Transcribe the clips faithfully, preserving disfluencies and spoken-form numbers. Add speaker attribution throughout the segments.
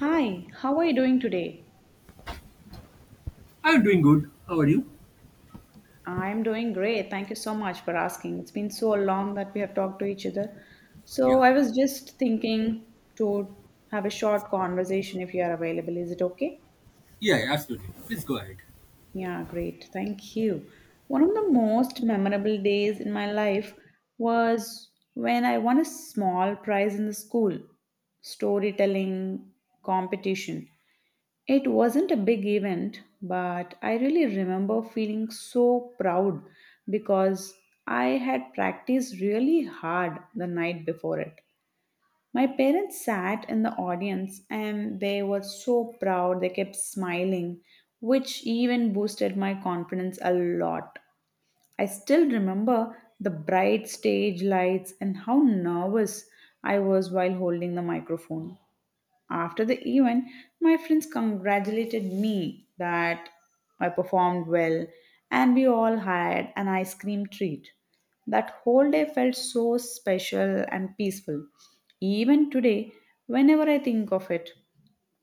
Speaker 1: Hi, how are you doing today?
Speaker 2: I'm doing good. How are you?
Speaker 1: I'm doing great. Thank you so much for asking. It's been so long that we have talked to each other. So
Speaker 2: Yeah.
Speaker 1: I was just thinking to have a short conversation if you are available. Is it okay?
Speaker 2: Yeah, yeah, absolutely. Please go ahead.
Speaker 1: Yeah, great. Thank you. One of the most memorable days in my life was when I won a small prize in the school storytelling competition. It wasn't a big event, but I really remember feeling so proud because I had practiced really hard the night before it. My parents sat in the audience and they were so proud, they kept smiling, which even boosted my confidence a lot. I still remember the bright stage lights and how nervous I was while holding the microphone. After the event, my friends congratulated me that I performed well and we all had an ice cream treat. That whole day felt so special and peaceful. Even today, whenever I think of it,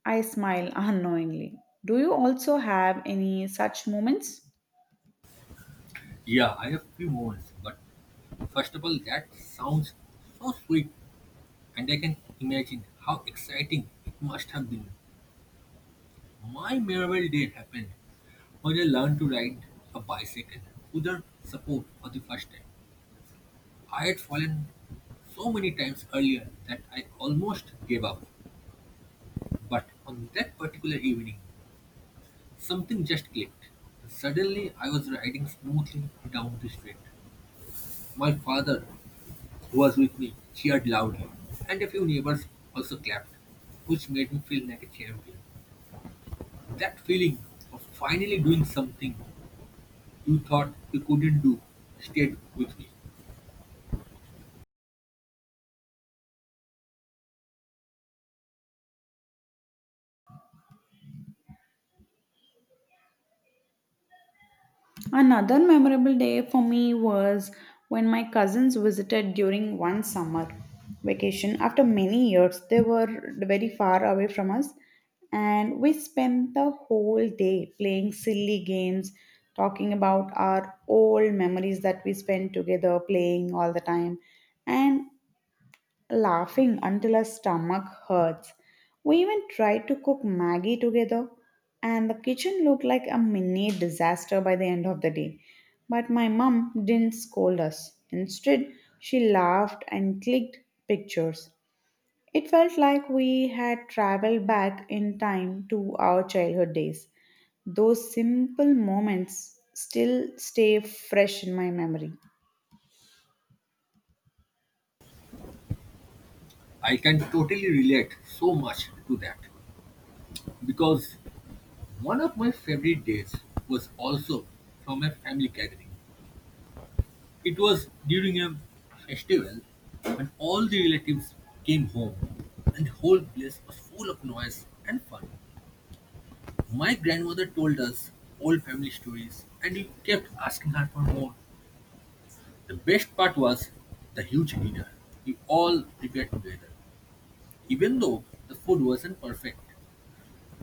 Speaker 1: I smile unknowingly. Do you also have any such moments?
Speaker 2: Yeah, I have few moments, but first of all, that sounds so sweet, and I can imagine how exciting it must have been. My memorable day happened when I learned to ride a bicycle without support for the first time. I had fallen so many times earlier that I almost gave up. But on that particular evening, something just clicked. Suddenly, I was riding smoothly down the street. My father, who was with me, cheered loudly, and a few neighbors also clapped, which made me feel like a champion. That feeling of finally doing something you thought you couldn't do stayed with me.
Speaker 1: Another memorable day for me was when my cousins visited during one summer vacation. After many years, they were very far away from us, and we spent the whole day playing silly games, talking about our old memories that we spent together playing all the time. And laughing until our stomach hurts. We even tried to cook Maggie together, and the kitchen looked like a mini disaster by the end of the day. But my mum didn't scold us. Instead, she laughed and clicked pictures. It felt like we had traveled back in time to our childhood days. Those simple moments still stay fresh in my memory.
Speaker 2: I can totally relate so much to that because one of my favorite days was also from a family gathering. It was during a festival when all the relatives came home and the whole place was full of noise and fun. My grandmother told us old family stories and we kept asking her for more. The best part was the huge dinner we all prepared together, even though the food wasn't perfect.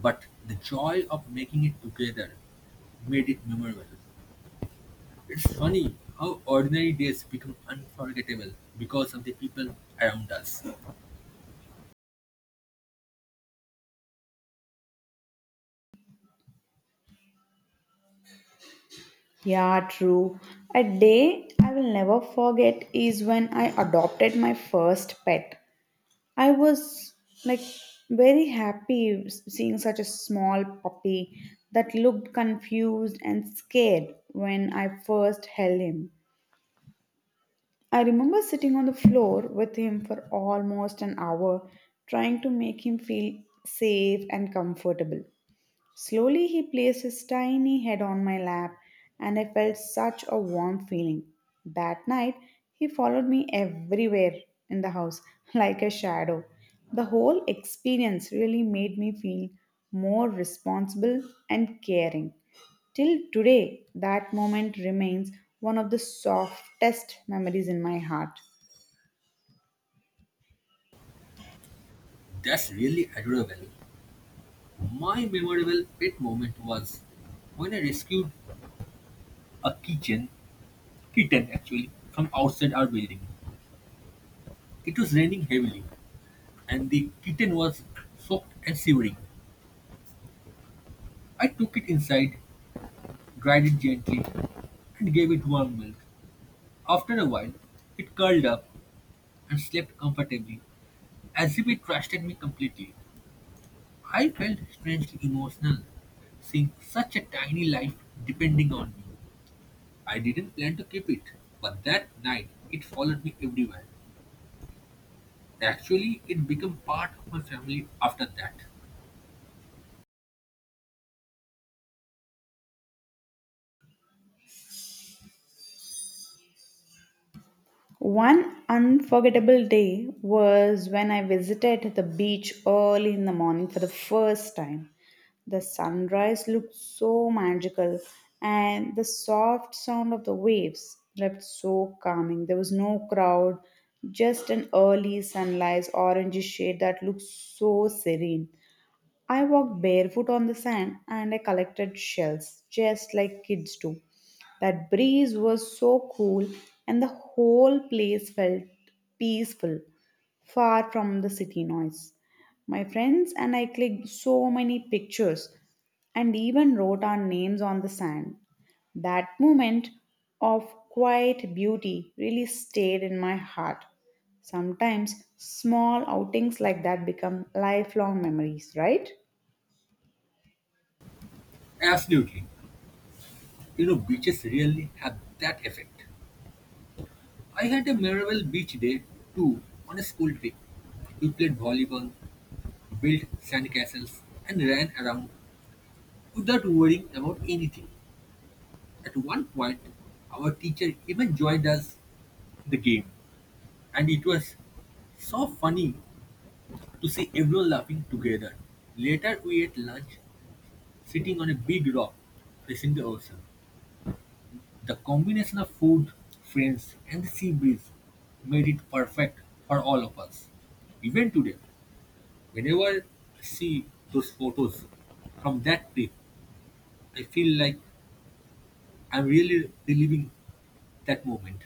Speaker 2: But the joy of making it together made it memorable. It's funny how ordinary days become unforgettable because of the people around us.
Speaker 1: Yeah, true. A day I will never forget is when I adopted my first pet. I was like very happy s- seeing such a small puppy that looked confused and scared when I first held him. I remember sitting on the floor with him for almost an hour, trying to make him feel safe and comfortable. Slowly he placed his tiny head on my lap, and I felt such a warm feeling. That night, he followed me everywhere in the house like a shadow. The whole experience really made me feel more responsible and caring. Till today, that moment remains one of the softest memories in my heart.
Speaker 2: That's really adorable. My memorable pet moment was when I rescued a kitten, kitten actually, from outside our building. It was raining heavily, and the kitten was soaked and shivering. I took it inside, dried it gently, and gave it warm milk. After a while, it curled up and slept comfortably, as if it trusted me completely. I felt strangely emotional, seeing such a tiny life depending on me. I didn't plan to keep it, but that night it followed me everywhere. Actually, it became part of my family after that.
Speaker 1: One unforgettable day was when I visited the beach early in the morning for the first time. The sunrise looked so magical, and the soft sound of the waves left so calming. There was no crowd, just an early sunlight orangey shade that looked so serene. I walked barefoot on the sand and I collected shells, just like kids do. That breeze was so cool, and the whole place felt peaceful far from the city noise. My friends and I clicked so many pictures and even wrote our names on the sand. That moment of quiet beauty really stayed in my heart. Sometimes small outings like that become lifelong memories, right?
Speaker 2: Absolutely. You know, beaches really have that effect. I had a memorable beach day too on a school trip. We played volleyball, built sandcastles, and ran around without worrying about anything. At one point, our teacher even joined us in the game, and it was so funny to see everyone laughing together. Later we ate lunch sitting on a big rock facing the ocean. The combination of food, friends, and the sea breeze made it perfect for all of us. Even today, whenever I see those photos from that trip, I feel like I'm really reliving that moment.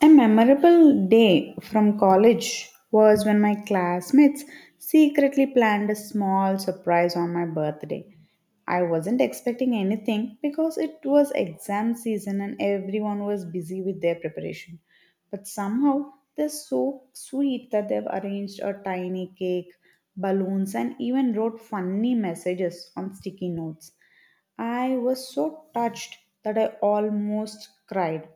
Speaker 1: A memorable day from college was when my classmates secretly planned a small surprise on my birthday. I wasn't expecting anything because it was exam season and everyone was busy with their preparation. But somehow they're so sweet that they've arranged a tiny cake, balloons, and even wrote funny messages on sticky notes. I was so touched that I almost cried.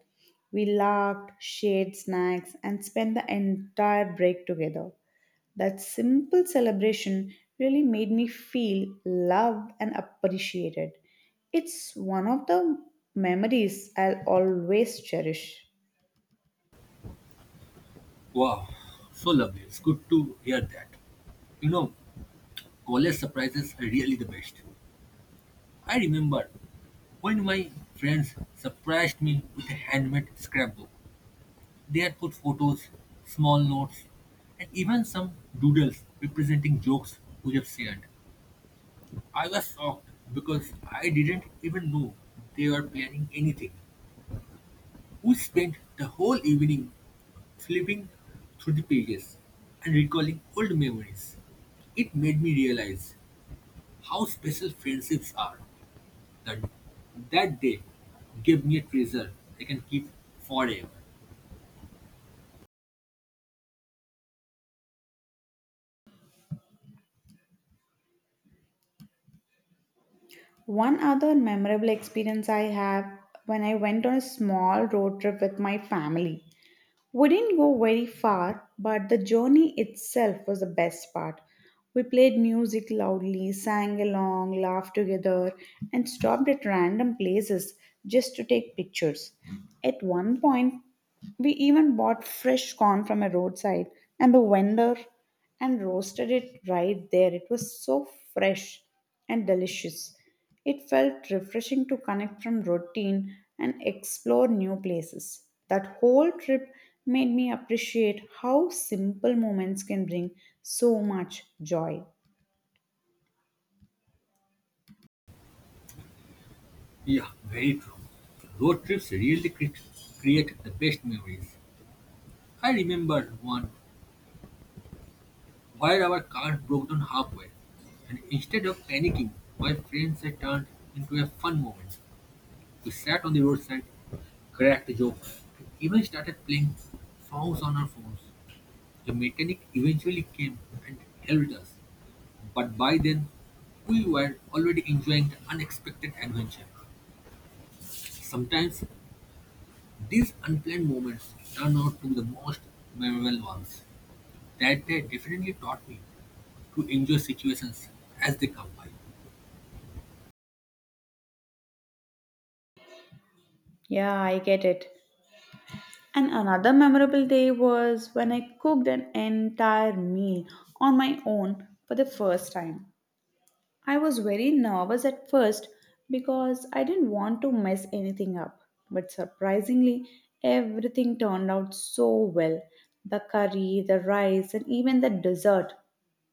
Speaker 1: We laughed, shared snacks, and spent the entire break together. That simple celebration really made me feel loved and appreciated. It's one of the memories I'll always cherish.
Speaker 2: Wow, so lovely. It's good to hear that. You know, college surprises are really the best. I remember when my friends surprised me with a handmade scrapbook. They had put photos, small notes, and even some doodles representing jokes we have shared. I was shocked because I didn't even know they were planning anything. We spent the whole evening flipping through the pages and recalling old memories. It made me realize how special friendships are. That, that day gave me a treasure I can keep forever.
Speaker 1: One other memorable experience I have when I went on a small road trip with my family. We didn't go very far, but the journey itself was the best part. We played music loudly, sang along, laughed together, and stopped at random places just to take pictures. At one point, we even bought fresh corn from a roadside and the vendor and roasted it right there. It was so fresh and delicious. It felt refreshing to connect from routine and explore new places. That whole trip made me appreciate how simple moments can bring so much joy.
Speaker 2: Yeah, very true. Road trips really cre- create the best memories. I remember one where our car broke down halfway, and instead of panicking, my friends had turned into a fun moment. We sat on the roadside, cracked jokes, and even started playing songs on our phones. The mechanic eventually came and helped us, but by then, we were already enjoying the unexpected adventure. Sometimes these unplanned moments turn out to be the most memorable ones. That day definitely taught me to enjoy situations as they come by.
Speaker 1: Yeah, I get it. And another memorable day was when I cooked an entire meal on my own for the first time. I was very nervous at first because I didn't want to mess anything up. But surprisingly, everything turned out so well the curry, the rice, and even the dessert.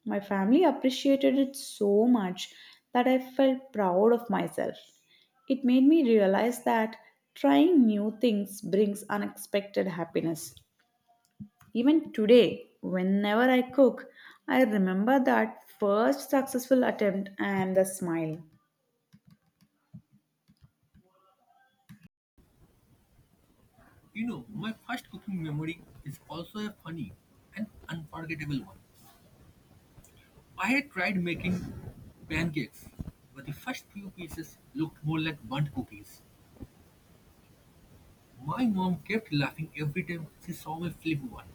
Speaker 1: My family appreciated it so much that I felt proud of myself. It made me realize that trying new things brings unexpected happiness. Even today, whenever I cook, I remember that first successful attempt and the smile.
Speaker 2: You know, my first cooking memory is also a funny and unforgettable one. I had tried making pancakes, but the first few pieces looked more like burnt cookies. My mom kept laughing every time she saw me flip one.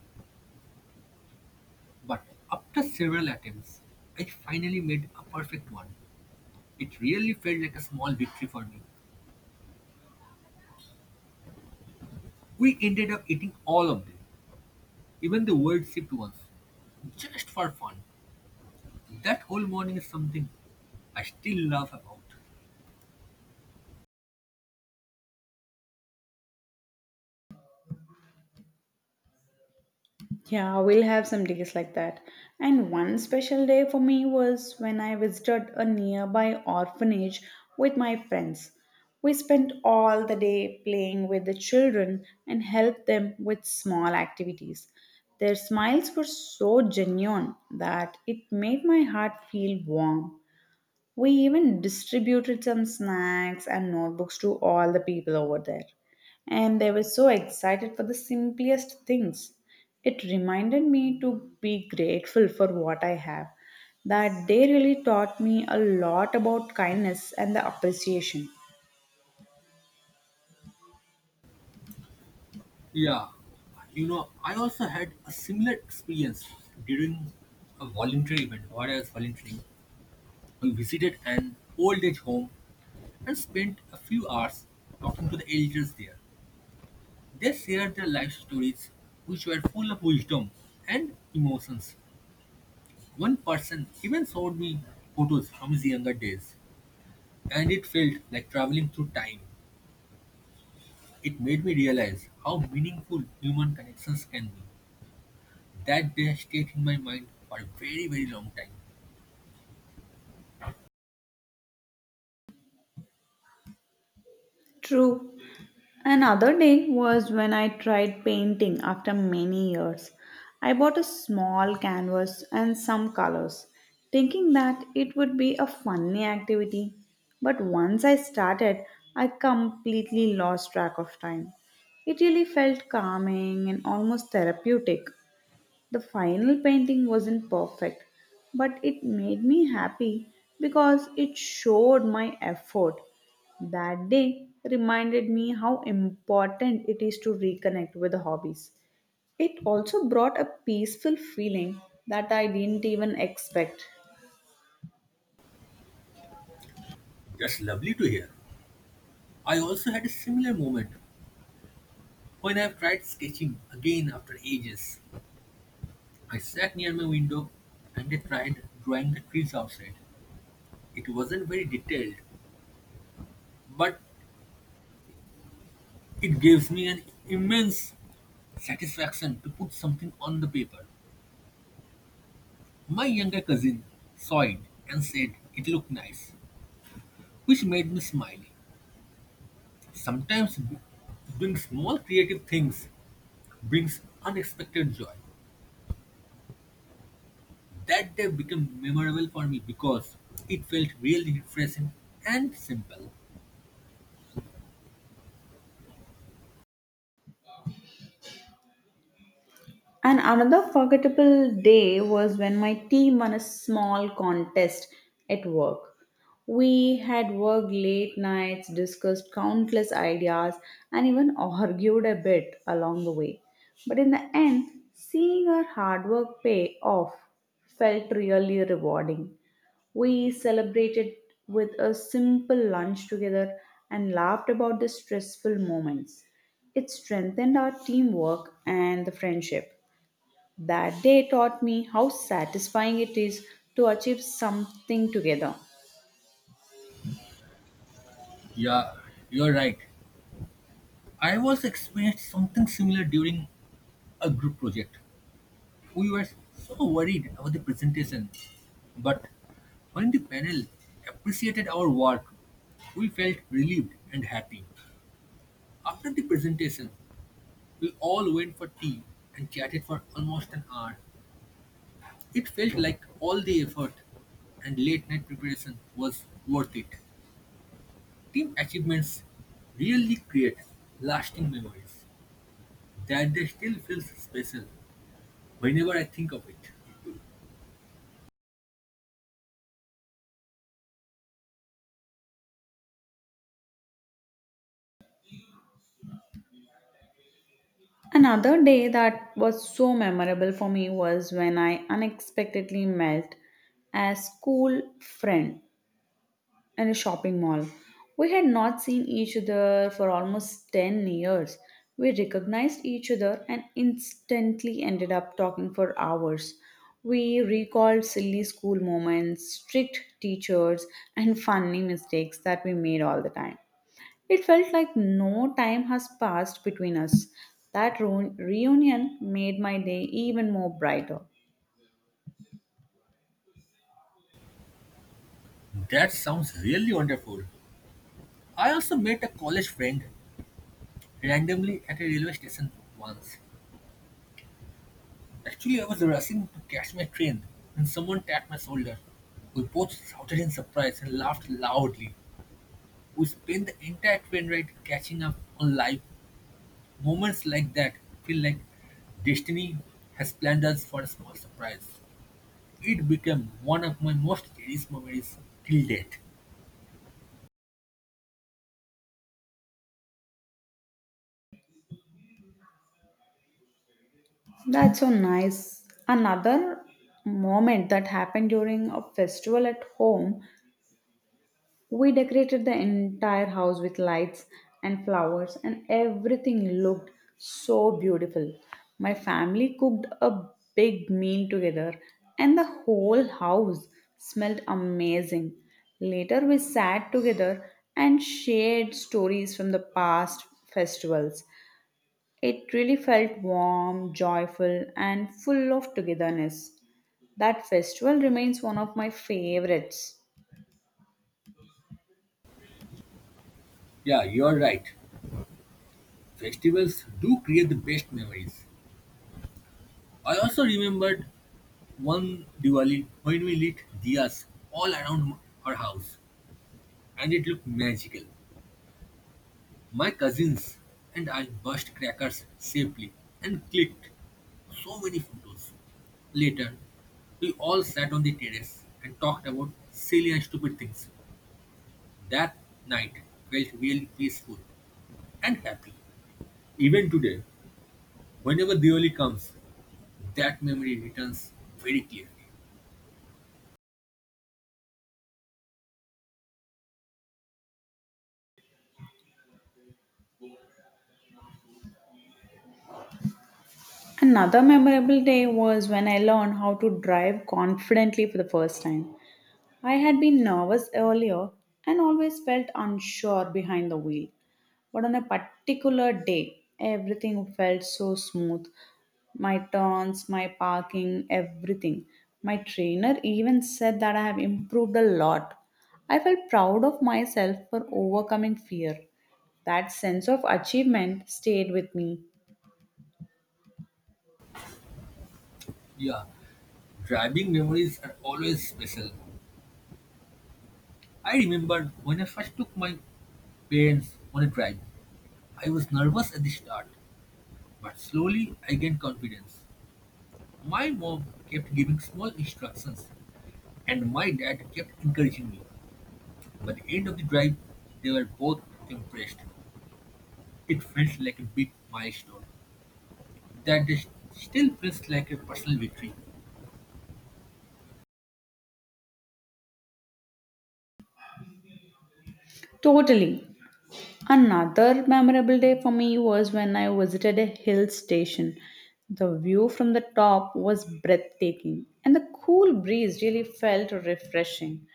Speaker 2: But after several attempts, I finally made a perfect one. It really felt like a small victory for me. We ended up eating all of them, even the weird shaped ones, just for fun. That whole morning is something I still laugh about.
Speaker 1: Yeah, we'll have some days like that. And one special day for me was when I visited a nearby orphanage with my friends. We spent all the day playing with the children and helped them with small activities. Their smiles were so genuine that it made my heart feel warm. We even distributed some snacks and notebooks to all the people over there. And they were so excited for the simplest things. It reminded me to be grateful for what I have. That day really taught me a lot about kindness and the appreciation.
Speaker 2: Yeah, you know, I also had a similar experience during a voluntary event where I was volunteering. We visited an old age home and spent a few hours talking to the elders there. They shared their life stories, which were full of wisdom and emotions. One person even showed me photos from his younger days, and it felt like traveling through time. It made me realize how meaningful human connections can be. That day stayed in my mind for a very, very long time.
Speaker 1: True, another day was when I tried painting after many years. I bought a small canvas and some colors, thinking that it would be a funny activity. But once I started, I completely lost track of time. It really felt calming and almost therapeutic. The final painting wasn't perfect, but it made me happy because it showed my effort. That day reminded me how important it is to reconnect with the hobbies. It also brought a peaceful feeling that I didn't even expect.
Speaker 2: That's lovely to hear. I also had a similar moment when I tried sketching again after ages. I sat near my window and I tried drawing the trees outside. It wasn't very detailed, but it gives me an immense satisfaction to put something on the paper. My younger cousin saw it and said it looked nice, which made me smile. Sometimes doing small creative things brings unexpected joy. That day became memorable for me because it felt really refreshing and simple.
Speaker 1: And another forgettable day was when my team won a small contest at work. We had worked late nights, discussed countless ideas, and even argued a bit along the way. But in the end, seeing our hard work pay off felt really rewarding. We celebrated with a simple lunch together and laughed about the stressful moments. It strengthened our teamwork and the friendship. That day taught me how satisfying it is to achieve something together.
Speaker 2: Yeah, you're right. I was experienced something similar during a group project. We were so worried about the presentation, but when the panel appreciated our work, we felt relieved and happy. After the presentation, we all went for tea and chatted for almost an hour. It felt like all the effort and late night preparation was worth it. Team achievements really create lasting memories that they still feels special whenever I think of it.
Speaker 1: Another day that was so memorable for me was when I unexpectedly met a school friend and a shopping mall. We had not seen each other for almost ten years. We recognized each other and instantly ended up talking for hours. We recalled silly school moments, strict teachers, and funny mistakes that we made all the time. It felt like no time has passed between us. That reu- reunion made my day even more brighter.
Speaker 2: That sounds really wonderful. I also met a college friend randomly at a railway station once. Actually, I was rushing to catch my train when someone tapped my shoulder. We both shouted in surprise and laughed loudly. We spent the entire train ride catching up on life. Moments like that feel like destiny has planned us for a small surprise. It became one of my most cherished memories till date.
Speaker 1: That's so nice. Another moment that happened during a festival at home, we decorated the entire house with lights and flowers, and everything looked so beautiful. My family cooked a big meal together, and the whole house smelled amazing. Later, we sat together and shared stories from the past festivals. It really felt warm, joyful, and full of togetherness. That festival remains one of my favorites.
Speaker 2: Yeah, you're right. Festivals do create the best memories. I also remembered one Diwali when we lit diyas all around m- her house and it looked magical. My cousins and I burst crackers safely and clicked so many photos. Later, we all sat on the terrace and talked about silly and stupid things. That night felt really peaceful and happy. Even today, whenever Diwali comes, that memory returns very clearly.
Speaker 1: Another memorable day was when I learned how to drive confidently for the first time. I had been nervous earlier and always felt unsure behind the wheel. But on a particular day, everything felt so smooth. My turns, my parking, everything. My trainer even said that I have improved a lot. I felt proud of myself for overcoming fear. That sense of achievement stayed with me.
Speaker 2: Yeah. Driving memories are always special. I remember when I first took my parents on a drive. I was nervous at the start, but slowly I gained confidence. My mom kept giving small instructions, and my dad kept encouraging me. By the end of the drive, they were both impressed. It felt like a big milestone that is- still feels like a personal victory.
Speaker 1: Totally. Another memorable day for me was when I visited a hill station. The view from the top was breathtaking, and the cool breeze really felt refreshing.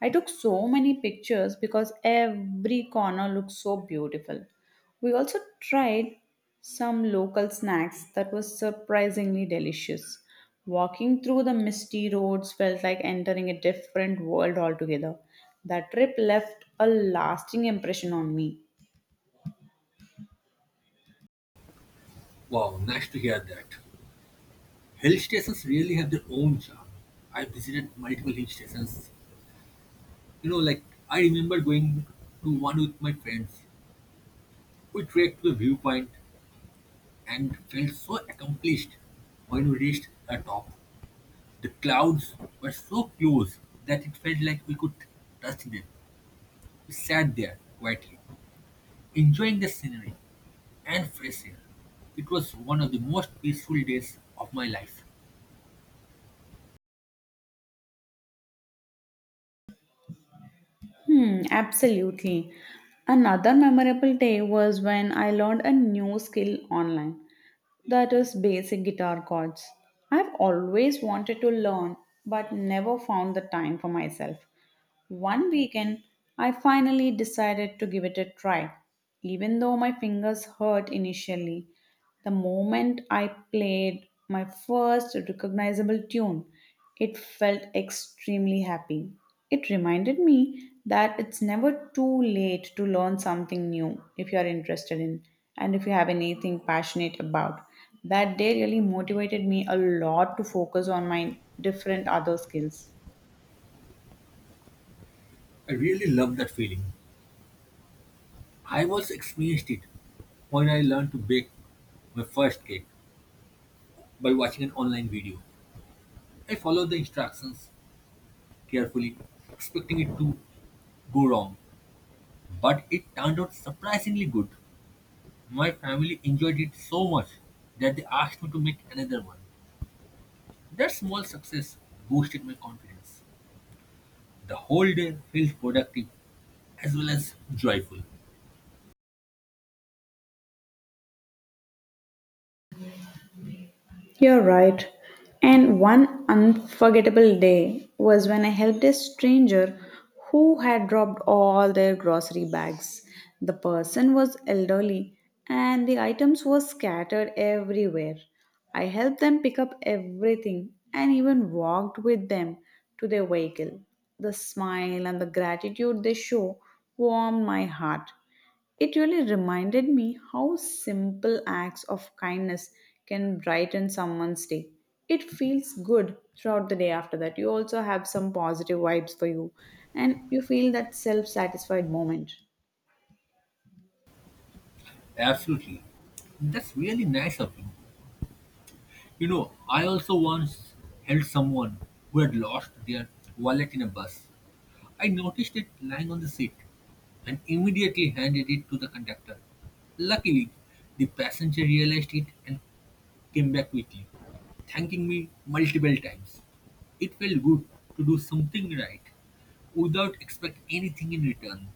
Speaker 1: I took so many pictures because every corner looked so beautiful. We also tried some local snacks that was surprisingly delicious. Walking through the misty roads felt like entering a different world altogether. That trip left a lasting impression on me.
Speaker 2: Wow, nice to hear that. Hill stations really have their own charm. I visited multiple hill stations. You know, like, I remember going to one with my friends. We trekked to the viewpoint and felt so accomplished when we reached the top. The clouds were so close that it felt like we could touch them. We sat there quietly, enjoying the scenery and fresh air. It was one of the most peaceful days of my life.
Speaker 1: Hmm, absolutely. Another memorable day was when I learned a new skill online, that is basic guitar chords. I've always wanted to learn but never found the time for myself. One weekend, I finally decided to give it a try. Even though my fingers hurt initially, the moment I played my first recognizable tune, it felt extremely happy. It reminded me that it's never too late to learn something new if you are interested in and if you have anything passionate about. That day really motivated me a lot to focus on my different other skills.
Speaker 2: I really loved that feeling. I also experienced it when I learned to bake my first cake by watching an online video. I followed the instructions carefully, expecting it to go wrong. But it turned out surprisingly good. My family enjoyed it so much that they asked me to make another one. That small success boosted my confidence. The whole day felt productive as well as joyful.
Speaker 1: You're right. And one unforgettable day was when I helped a stranger who had dropped all their grocery bags. The person was elderly and the items were scattered everywhere. I helped them pick up everything and even walked with them to their vehicle. The smile and the gratitude they show warmed my heart. It really reminded me how simple acts of kindness can brighten someone's day. It feels good throughout the day after that. You also have some positive vibes for you and you feel that self satisfied moment.
Speaker 2: Absolutely. That's really nice of you. You know, I also once helped someone who had lost their wallet in a bus. I noticed it lying on the seat and immediately handed it to the conductor. Luckily, the passenger realized it and came back quickly, thanking me multiple times. It felt good to do something right without expect anything in return.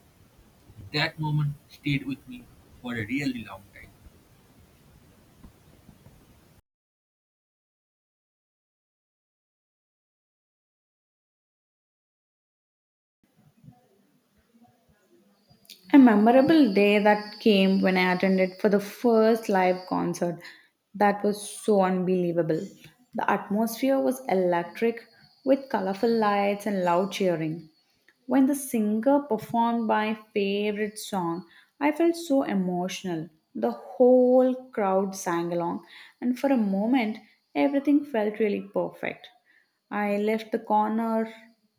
Speaker 2: That moment stayed with me for a really long time.
Speaker 1: A memorable day that came when I attended for the first live concert. That was so unbelievable. The atmosphere was electric with colorful lights and loud cheering. When the singer performed my favorite song, I felt so emotional. The whole crowd sang along, and for a moment, everything felt really perfect. I left the corner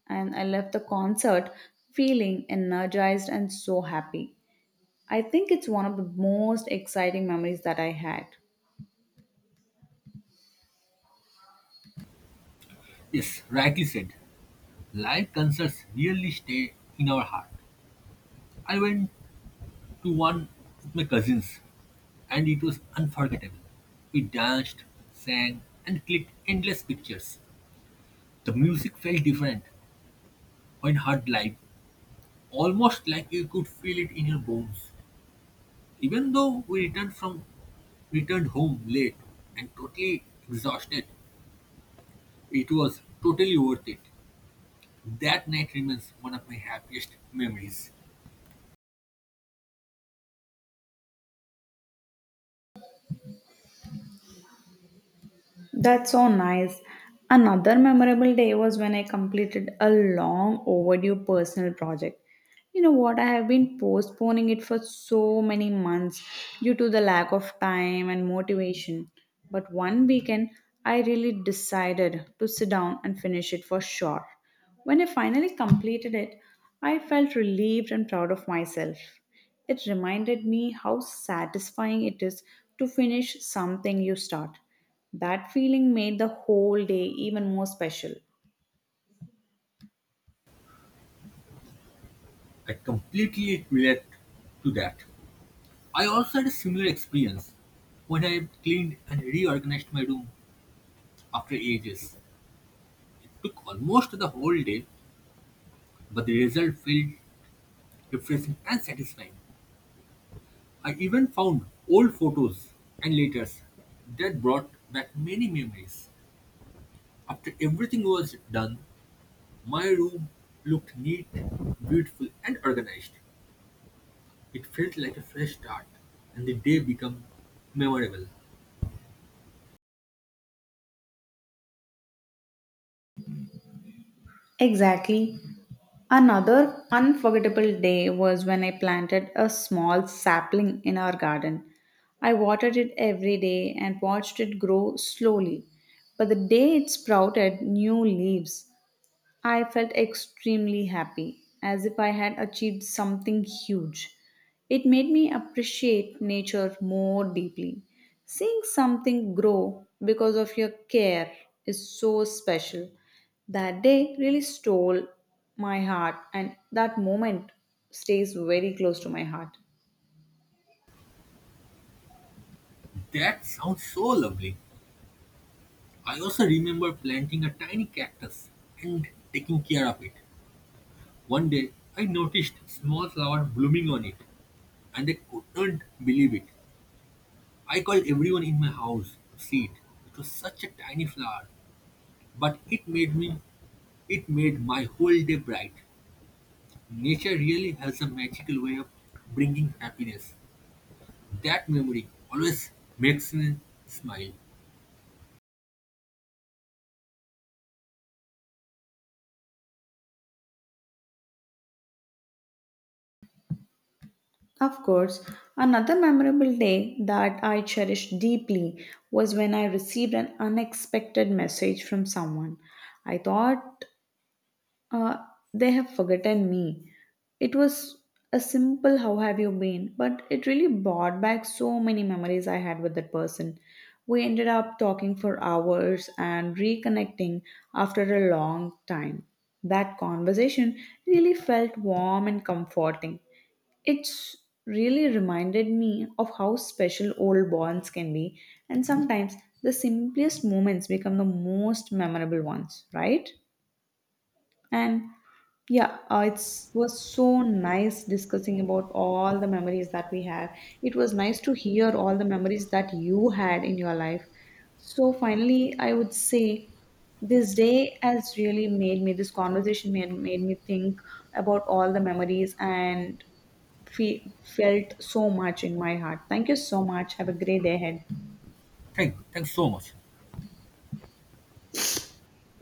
Speaker 1: and I left the concert feeling energized and so happy. I think it's one of the most exciting memories that I had.
Speaker 2: Yes, rightly said. Live concerts really stay in our heart. I went to one with my cousins, and it was unforgettable. We danced, sang, and clicked endless pictures. The music felt different when heard live, almost like you could feel it in your bones. Even though we returned from returned home late and totally exhausted, it was totally worth it. That night remains one of my happiest memories.
Speaker 1: That's so nice. Another memorable day was when I completed a long overdue personal project. You know what? I have been postponing it for so many months due to the lack of time and motivation. But one weekend, I really decided to sit down and finish it for sure. When I finally completed it, I felt relieved and proud of myself. It reminded me how satisfying it is to finish something you start. That feeling made the whole day even more special.
Speaker 2: I completely relate to that. I also had a similar experience when I cleaned and reorganized my room after ages. It took almost the whole day, but the result felt refreshing and satisfying. I even found old photos and letters that brought back many memories. After everything was done, my room looked neat, beautiful, and organized. It felt like a fresh start, and the day became memorable.
Speaker 1: Exactly. Another unforgettable day was when I planted a small sapling in our garden. I watered it every day and watched it grow slowly. But the day it sprouted new leaves, I felt extremely happy, as if I had achieved something huge. It made me appreciate nature more deeply. Seeing something grow because of your care is so special. That day really stole my heart, and that moment stays very close to my heart.
Speaker 2: That sounds so lovely. I also remember planting a tiny cactus and taking care of it. One day, I noticed a small flower blooming on it. And they couldn't believe it. I called everyone in my house to see it. It was such a tiny flower, but it made me it made my whole day bright. Nature really has a magical way of bringing happiness. That memory always makes me smile.
Speaker 1: Of course, another memorable day that I cherished deeply was when I received an unexpected message from someone. I thought Uh, they have forgotten me. It was a simple how have you been, but it really brought back so many memories I had with that person. We ended up talking for hours and reconnecting after a long time. That conversation really felt warm and comforting. It's really reminded me of how special old bonds can be, and sometimes the simplest moments become the most memorable ones, right? And yeah, uh, it's was so nice discussing about all the memories that we have. It was nice to hear all the memories that you had in your life. So finally, I would say this day has really made me this conversation made, made me think about all the memories and fe- felt so much in my heart. Thank you so much. Have a great day ahead.
Speaker 2: Thank you. Thanks so much.